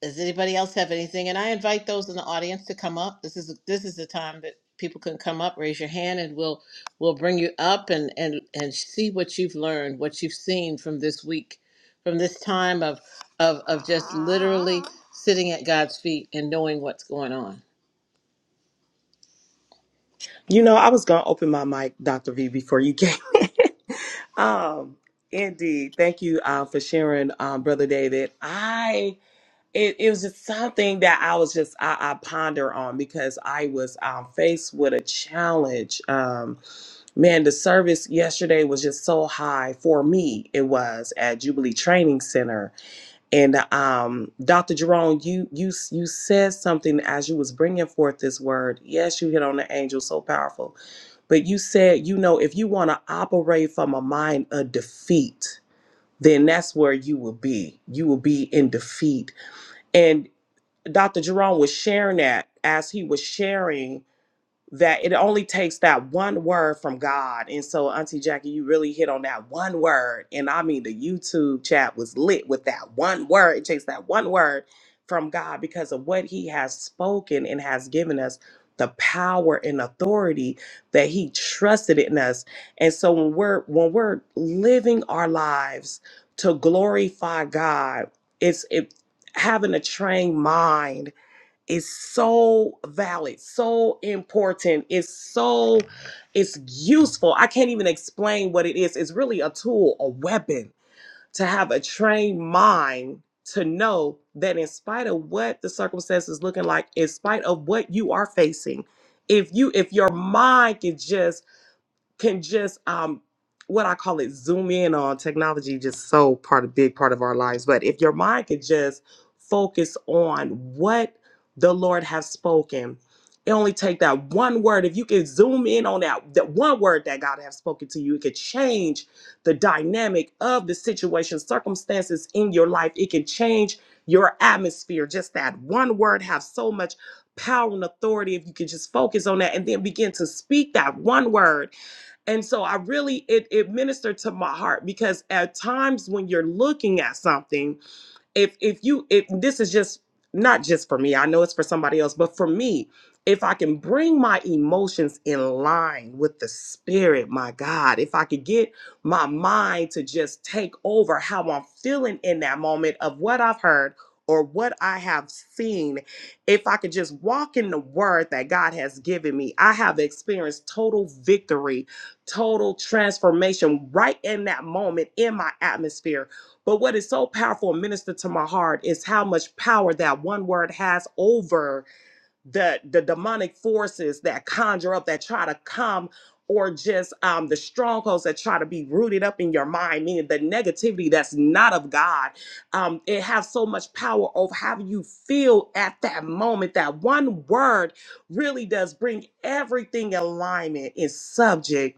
S4: Does anybody else have anything? And I invite those in the audience to come up. This is this is the time that people can come up, raise your hand, and we'll we'll bring you up and and and see what you've learned, what you've seen from this week, from this time of of of just literally sitting at God's feet and knowing what's going on.
S2: You know, I was going to open my mic, Dr. V, before you came. um, indeed. Thank you uh, for sharing, um, Brother David. I it, it was just something that I was just I, I ponder on because I was um, faced with a challenge. Um, man, the service yesterday was just so high for me. It was at Jubilee Training Center, and um, Dr. Jerome, you you you said something as you was bringing forth this word. Yes, you hit on the angel so powerful, but you said you know if you want to operate from a mind of defeat, then that's where you will be. You will be in defeat Dr. Jerome was sharing that as he was sharing that it only takes that one word from God. And so, Auntie Jackie, you really hit on that one word. And I mean, the YouTube chat was lit with that one word. It takes that one word from God because of what he has spoken and has given us the power and authority that he trusted in us. And so when we're when we're living our lives to glorify God, it's it having a trained mind is so valid, so important, it's so it's useful. I can't even explain what it is. It's really a tool, a weapon to have a trained mind to know that in spite of what the circumstances looking like, in spite of what you are facing, if you if your mind can just can just um what I call it zoom in on technology just so part of big part of our lives. But if your mind could just focus on what the Lord has spoken, it only take that one word. If you can zoom in on that that one word that God has spoken to you, it could change the dynamic of the situation, circumstances in your life. It can change your atmosphere. Just that one word have so much power and authority if you can just focus on that and then begin to speak that one word and so I really it it ministered to my heart because at times when you're looking at something if if you if this is just not just for me i know it's for somebody else but for me if i can bring my emotions in line with the spirit my god if i could get my mind to just take over how i'm feeling in that moment of what i've heard or what i have seen if i could just walk in the word that god has given me i have experienced total victory total transformation right in that moment in my atmosphere but what is so powerful and ministered to my heart is how much power that one word has over the the demonic forces that conjure up, that try to come, or just um, the strongholds that try to be rooted up in your mind, meaning the negativity that's not of God. Um, it has so much power over how you feel at that moment. That one word really does bring everything in alignment, in subject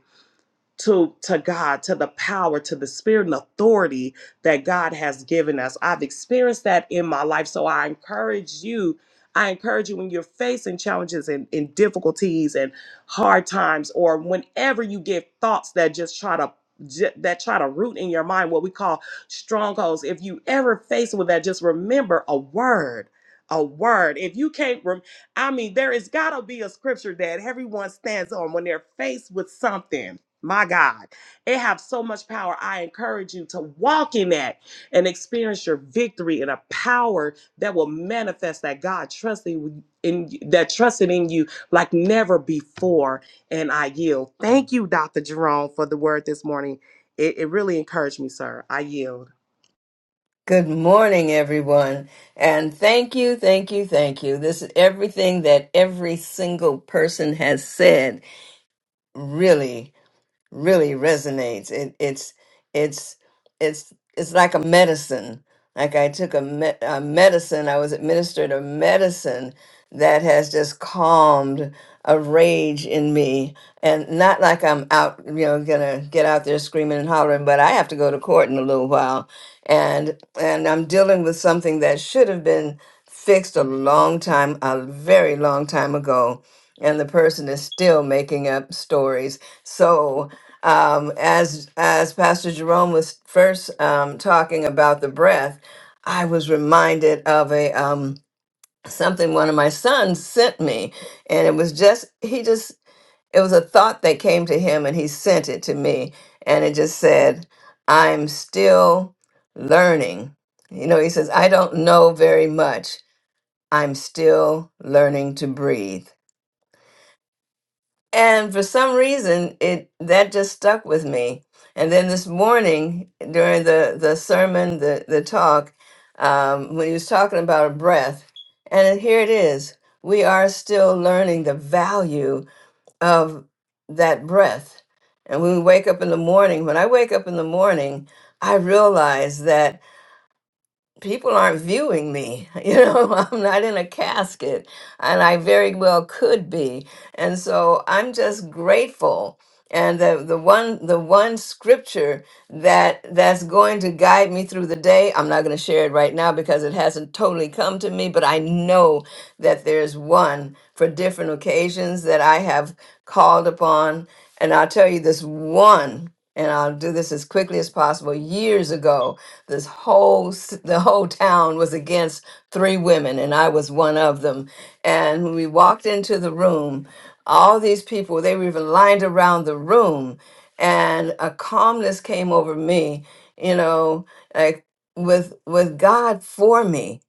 S2: to to God, to the power, to the spirit and authority that God has given us. I've experienced that in my life, so I encourage you. I encourage you when you're facing challenges and, and difficulties and hard times, or whenever you get thoughts that just try to ju- that try to root in your mind what we call strongholds. If you ever face with that, just remember a word. A word. If you can't, rem- I mean, there is got to be a scripture that everyone stands on when they're faced with something my God, it have so much power. I encourage you to walk in that and experience your victory in a power that will manifest that God trusting in that trusted in you like never before. And I yield. Thank you, Dr. Jerome, for the word this morning. It, it really encouraged me, sir. I yield.
S7: Good morning, everyone. And thank you, thank you, thank you. This is everything that every single person has said, really really resonates. It it's it's it's it's like a medicine. Like I took a, me- a medicine, I was administered a medicine that has just calmed a rage in me, and not like I'm out, you know, gonna get out there screaming and hollering. But I have to go to court in a little while, and and I'm dealing with something that should have been fixed a long time, a very long time ago, and the person is still making up stories. So um, as as Pastor Jerome was first um, talking about the breath, I was reminded of a um, something one of my sons sent me, and it was just he just it was a thought that came to him, and he sent it to me, and it just said, "I'm still learning." You know, he says, "I don't know very much. I'm still learning to breathe." And for some reason, it that just stuck with me. And then this morning, during the the sermon, the the talk, um, when he was talking about breath, and it- here it is: we are still learning the value of that breath. And when we wake up in the morning, when I wake up in the morning, I realize that people aren't viewing me you know i'm not in a casket and i very well could be and so i'm just grateful and the, the one the one scripture that that's going to guide me through the day i'm not going to share it right now because it hasn't totally come to me but i know that there's one for different occasions that i have called upon and i'll tell you this one and I'll do this as quickly as possible. Years ago, this whole c- the whole town was against three women, and I was one of them. And when we walked into the room, all these people they were even lined around the room, and a calmness came over me. You know, like with with God for me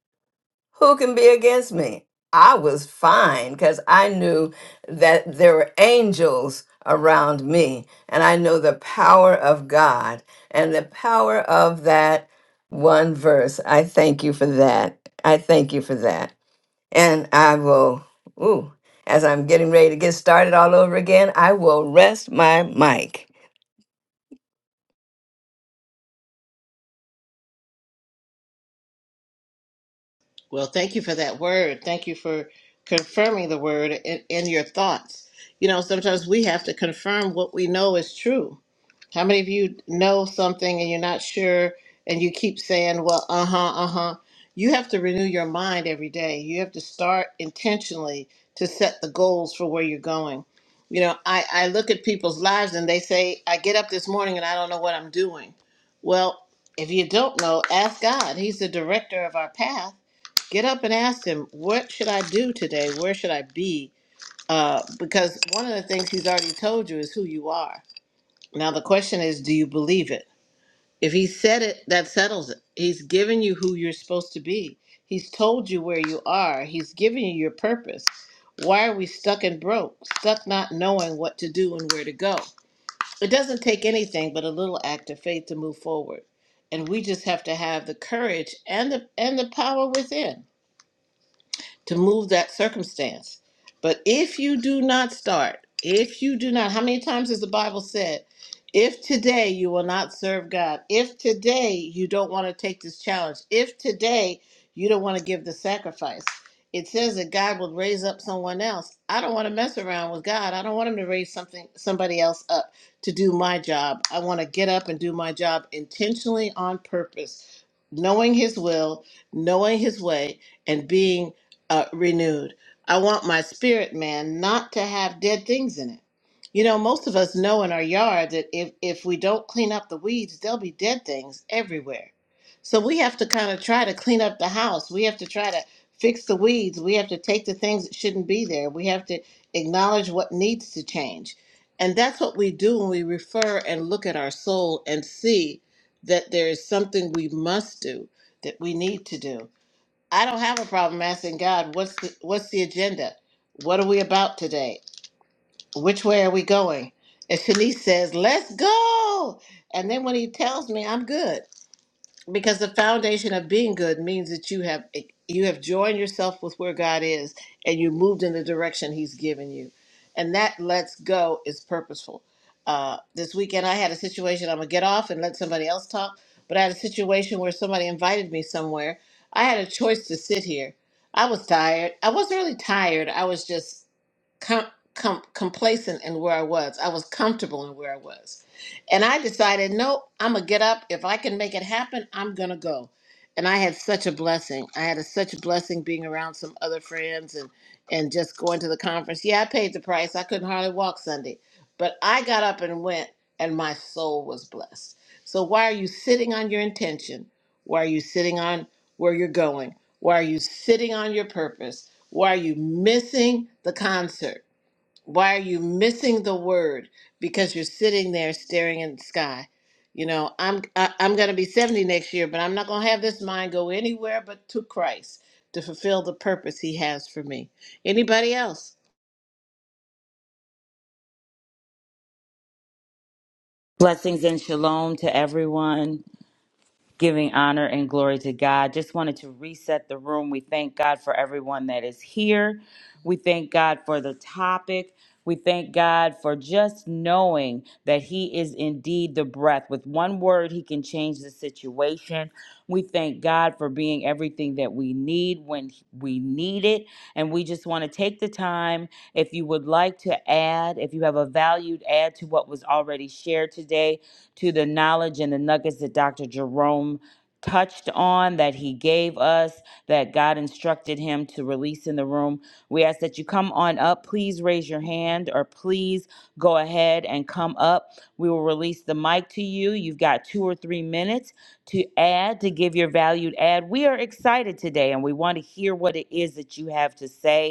S7: who can be against me? I was fine because I knew that there were angels around me, and I know the power of God and the power of that one verse. I thank you for that. I thank you for that. And I will, ooh, as I'm getting ready to get started all over again, I will rest my mic.
S4: Well, thank you for that word. Thank you for confirming the word in, in your thoughts. You know, sometimes we have to confirm what we know is true. How many of you know something and you're not sure and you keep saying, well, uh huh, uh huh? You have to renew your mind every day. You have to start intentionally to set the goals for where you're going. You know, I, I look at people's lives and they say, I get up this morning and I don't know what I'm doing. Well, if you don't know, ask God. He's the director of our path get up and ask him, what should I do today? Where should I be? Uh, because one of the things he's already told you is who you are. Now, the question is, do you believe it? If he said it, that settles it. He's given you who you're supposed to be, he's told you where you are, he's given you your purpose. Why are we stuck and broke, stuck not knowing what to do and where to go? It doesn't take anything but a little act of faith to move forward. And we just have to have the courage and the and the power within to move that circumstance. But if you do not start, if you do not, how many times has the Bible said, if today you will not serve God, if today you don't want to take this challenge, if today you don't want to give the sacrifice, it says that God will raise up someone else. I don't want to mess around with God. I don't want him to raise something somebody else up to do my job. I want to get up and do my job intentionally on purpose, knowing his will, knowing his way, and being uh, renewed. I want my spirit man not to have dead things in it. You know, most of us know in our yard that if, if we don't clean up the weeds, there'll be dead things everywhere. So we have to kind of try to clean up the house. We have to try to fix the weeds. We have to take the things that shouldn't be there. We have to acknowledge what needs to change. And that's what we do when we refer and look at our soul and see that there is something we must do, that we need to do. I don't have a problem asking God, what's the, what's the agenda? What are we about today? Which way are we going? And Shanice says, let's go. And then when he tells me, I'm good because the foundation of being good means that you have you have joined yourself with where God is and you moved in the direction he's given you and that lets go is purposeful uh, this weekend I had a situation I'm gonna get off and let somebody else talk but I had a situation where somebody invited me somewhere I had a choice to sit here I was tired I wasn't really tired I was just com- com- complacent in where I was. I was comfortable in where I was. And I decided, no, I'm going to get up. If I can make it happen, I'm going to go. And I had such a blessing. I had a, such a blessing being around some other friends and, and just going to the conference. Yeah, I paid the price. I couldn't hardly walk Sunday. But I got up and went, and my soul was blessed. So, why are you sitting on your intention? Why are you sitting on where you're going? Why are you sitting on your purpose? Why are you missing the concert? Why are you missing the word? Because you're sitting there staring in the sky. You know, I'm I, I'm going to be 70 next year, but I'm not going to have this mind go anywhere but to Christ to fulfill the purpose he has for me. Anybody else?
S8: Blessings and shalom to everyone, giving honor and glory to God. Just wanted to reset the room. We thank God for everyone that is here. We thank God for the topic. We thank God for just knowing that He is indeed the breath. With one word, He can change the situation. We thank God for being everything that we need when we need it. And we just want to take the time, if you would like to add, if you have a valued add to what was already shared today, to the knowledge and the nuggets that Dr. Jerome touched on that he gave us that God instructed him to release in the room. We ask that you come on up. Please raise your hand or please go ahead and come up. We will release the mic to you. You've got two or three minutes to add, to give your valued add. We are excited today and we want to hear what it is that you have to say.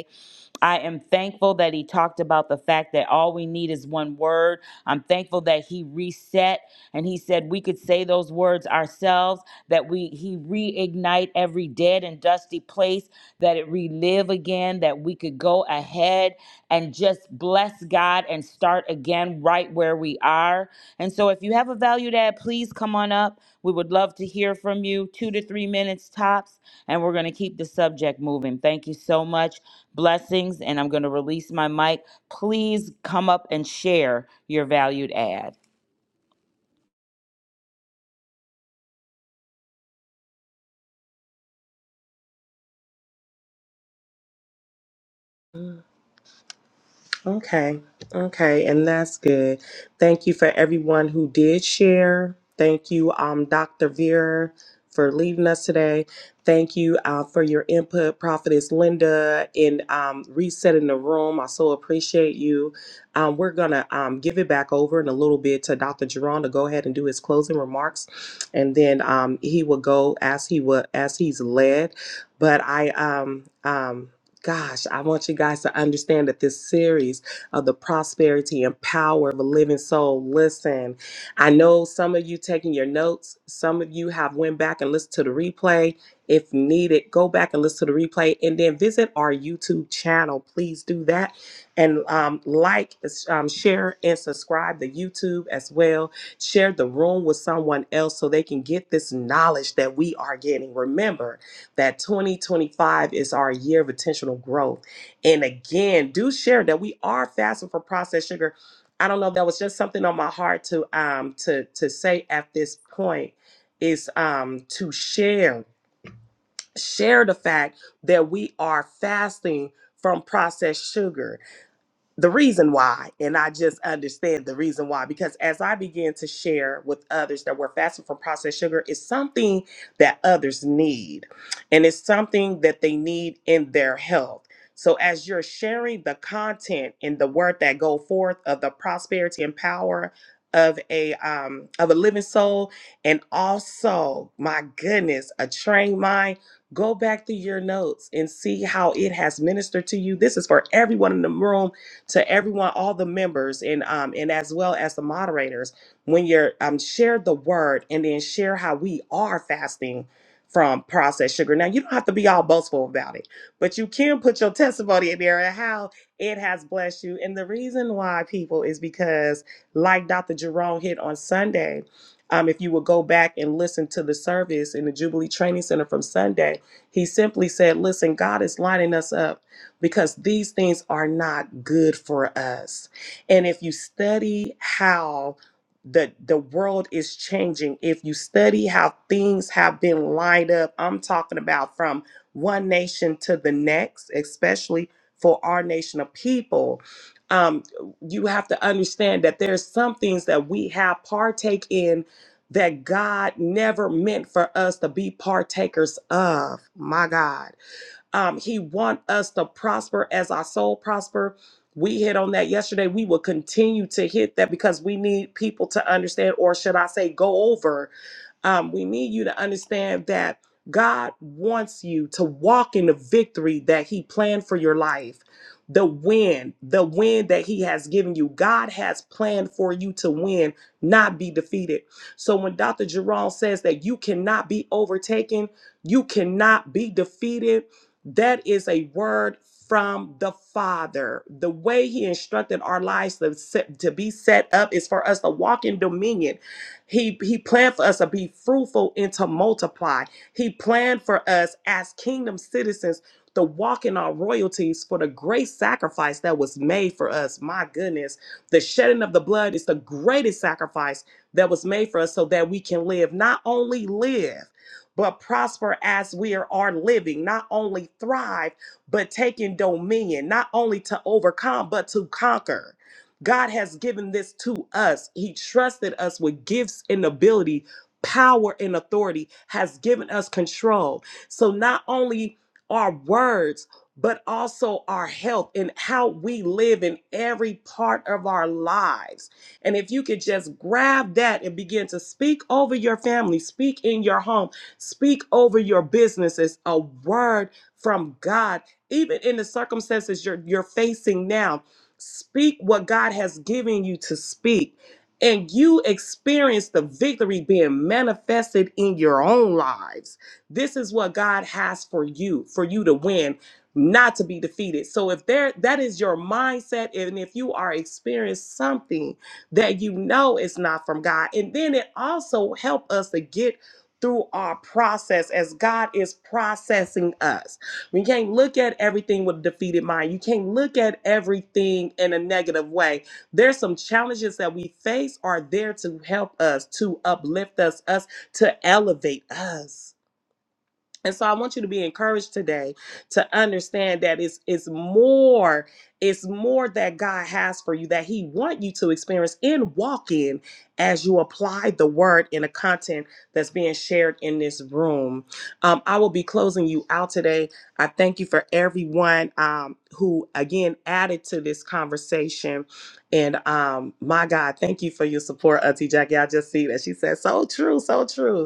S8: I am thankful that he talked about the fact that all we need is one word. I'm thankful that he reset and he said we could say those words ourselves, that we he reignite every dead and dusty place, that it relive again, that we could go ahead and just bless God and start again right where we are. And so if you have a value to add, please come on up. We would love to hear from you, two to three minutes tops, and we're going to keep the subject moving. Thank you so much. Blessings, and I'm going to release my mic. Please come up and share your valued ad.
S2: Okay. Okay. And that's good. Thank you for everyone who did share. Thank you, um, Dr. Vera, for leading us today. Thank you uh, for your input, Prophetess Linda, in um, resetting the room. I so appreciate you. Um, we're going to um, give it back over in a little bit to Dr. Jerron to go ahead and do his closing remarks. And then um, he will go as he will, as he's led. But I um, um, gosh, I want you guys to understand that this series of the prosperity and power of a living soul. Listen, I know some of you taking your notes. Some of you have went back and listened to the replay. If needed, go back and listen to the replay, and then visit our YouTube channel. Please do that, and um, like, um, share, and subscribe to YouTube as well. Share the room with someone else so they can get this knowledge that we are getting. Remember that 2025 is our year of intentional growth. And again, do share that we are fasting from processed sugar. I don't know, that was just something on my heart to um to to say at this point is um to share share the fact that we are fasting from processed sugar the reason why and i just understand the reason why because as i began to share with others that we're fasting from processed sugar is something that others need and it's something that they need in their health so as you're sharing the content and the word that go forth of the prosperity and power of a um of a living soul and also my goodness a trained mind go back through your notes and see how it has ministered to you this is for everyone in the room to everyone, all the members, and um, and as well as the moderators. When you're um, share the word and then share how we are fasting from processed sugar. Now you don't have to be all boastful about it, but you can put your testimony in there and how it has blessed you. And the reason why people is because, like Dr. Jerome hit on Sunday. Um, if you would go back and listen to the service in the Jubilee Training Center from Sunday, he simply said, Listen, God is lining us up because these things are not good for us. And if you study how the the world is changing, if you study how things have been lined up, I'm talking about from one nation to the next, especially for our nation of people. Um, you have to understand that there's some things that we have partake in that God never meant for us to be partakers of. My God. Um, he want us to prosper as our soul prosper. We hit on that yesterday. We will continue to hit that because we need people to understand, or should I say, go over um, we need you to understand that God wants you to walk in the victory that He planned for your life. The win, the win that He has given you. God has planned for you to win, not be defeated. So when Dr. Jerome says that you cannot be overtaken, you cannot be defeated, that is a word from the Father. The way He instructed our lives to, set, to be set up is for us to walk in dominion he he planned for us to be fruitful and to multiply. He planned for us as kingdom citizens to walk in our royalties for the great sacrifice that was made for us. My goodness, the shedding of the blood is the greatest sacrifice that was made for us so that we can live, not only live, but prosper as we are are living, not only thrive, but taking dominion, not only to overcome, but to conquer. God has given this to us. He trusted us with gifts and ability, power and authority, has given us control. So not only our words, but also our health and how we live in every part of our lives. And if you could just grab that and begin to speak over your family, speak in your home, speak over your businesses, a word from God, even in the circumstances you're, you're facing now Speak what God has given you to speak, and you experience the victory being manifested in your own lives. This is what God has for you, for you to win, not to be defeated. So if there that is your mindset, and if you are experiencing something that you know is not from God, and then it also help us to get through our process as God is processing us we can't look at everything with a defeated mind. You can't look at everything in a negative way. There's some challenges that we face are there to help us, to uplift us, us to elevate us. And so I want you to be encouraged today to understand that it's it's more it's more that God has for you that he want you to experience in walking as you apply the word in the content that's being shared in this room. Um, I will be closing you out today. I thank you for everyone um, who again added to this conversation. And um, my God, thank you for your support, Auntie Jackie. I just see that she said so true, so true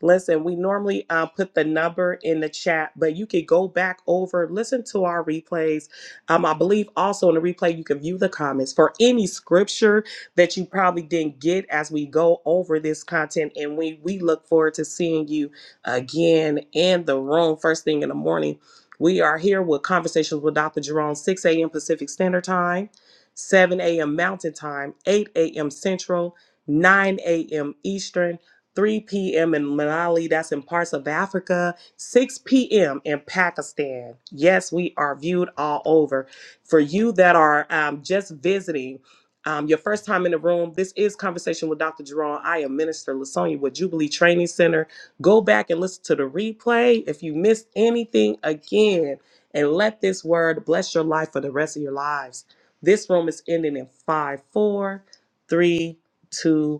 S2: Listen, we normally uh, put the number in the chat, but you could go back over, listen to our replays. Um, I believe also in the replay, you can view the comments for any scripture that you probably didn't get as we go over this content. And we, we look forward to seeing you again in the room first thing in the morning. We are here with Conversations with Dr. Jerome, 6 a.m. Pacific Standard Time, 7 a.m. Mountain Time, 8 a.m. Central, 9 a.m. Eastern. 3 p.m. in Mali, that's in parts of Africa, 6 p.m. in Pakistan. Yes, we are viewed all over. For you that are um, just visiting, um, your first time in the room, this is Conversation with Dr. Jerome. I am Minister Lasonia with Jubilee Training Center. Go back and listen to the replay if you missed anything again, and let this word bless your life for the rest of your lives. This room is ending in five, four, three, two, one.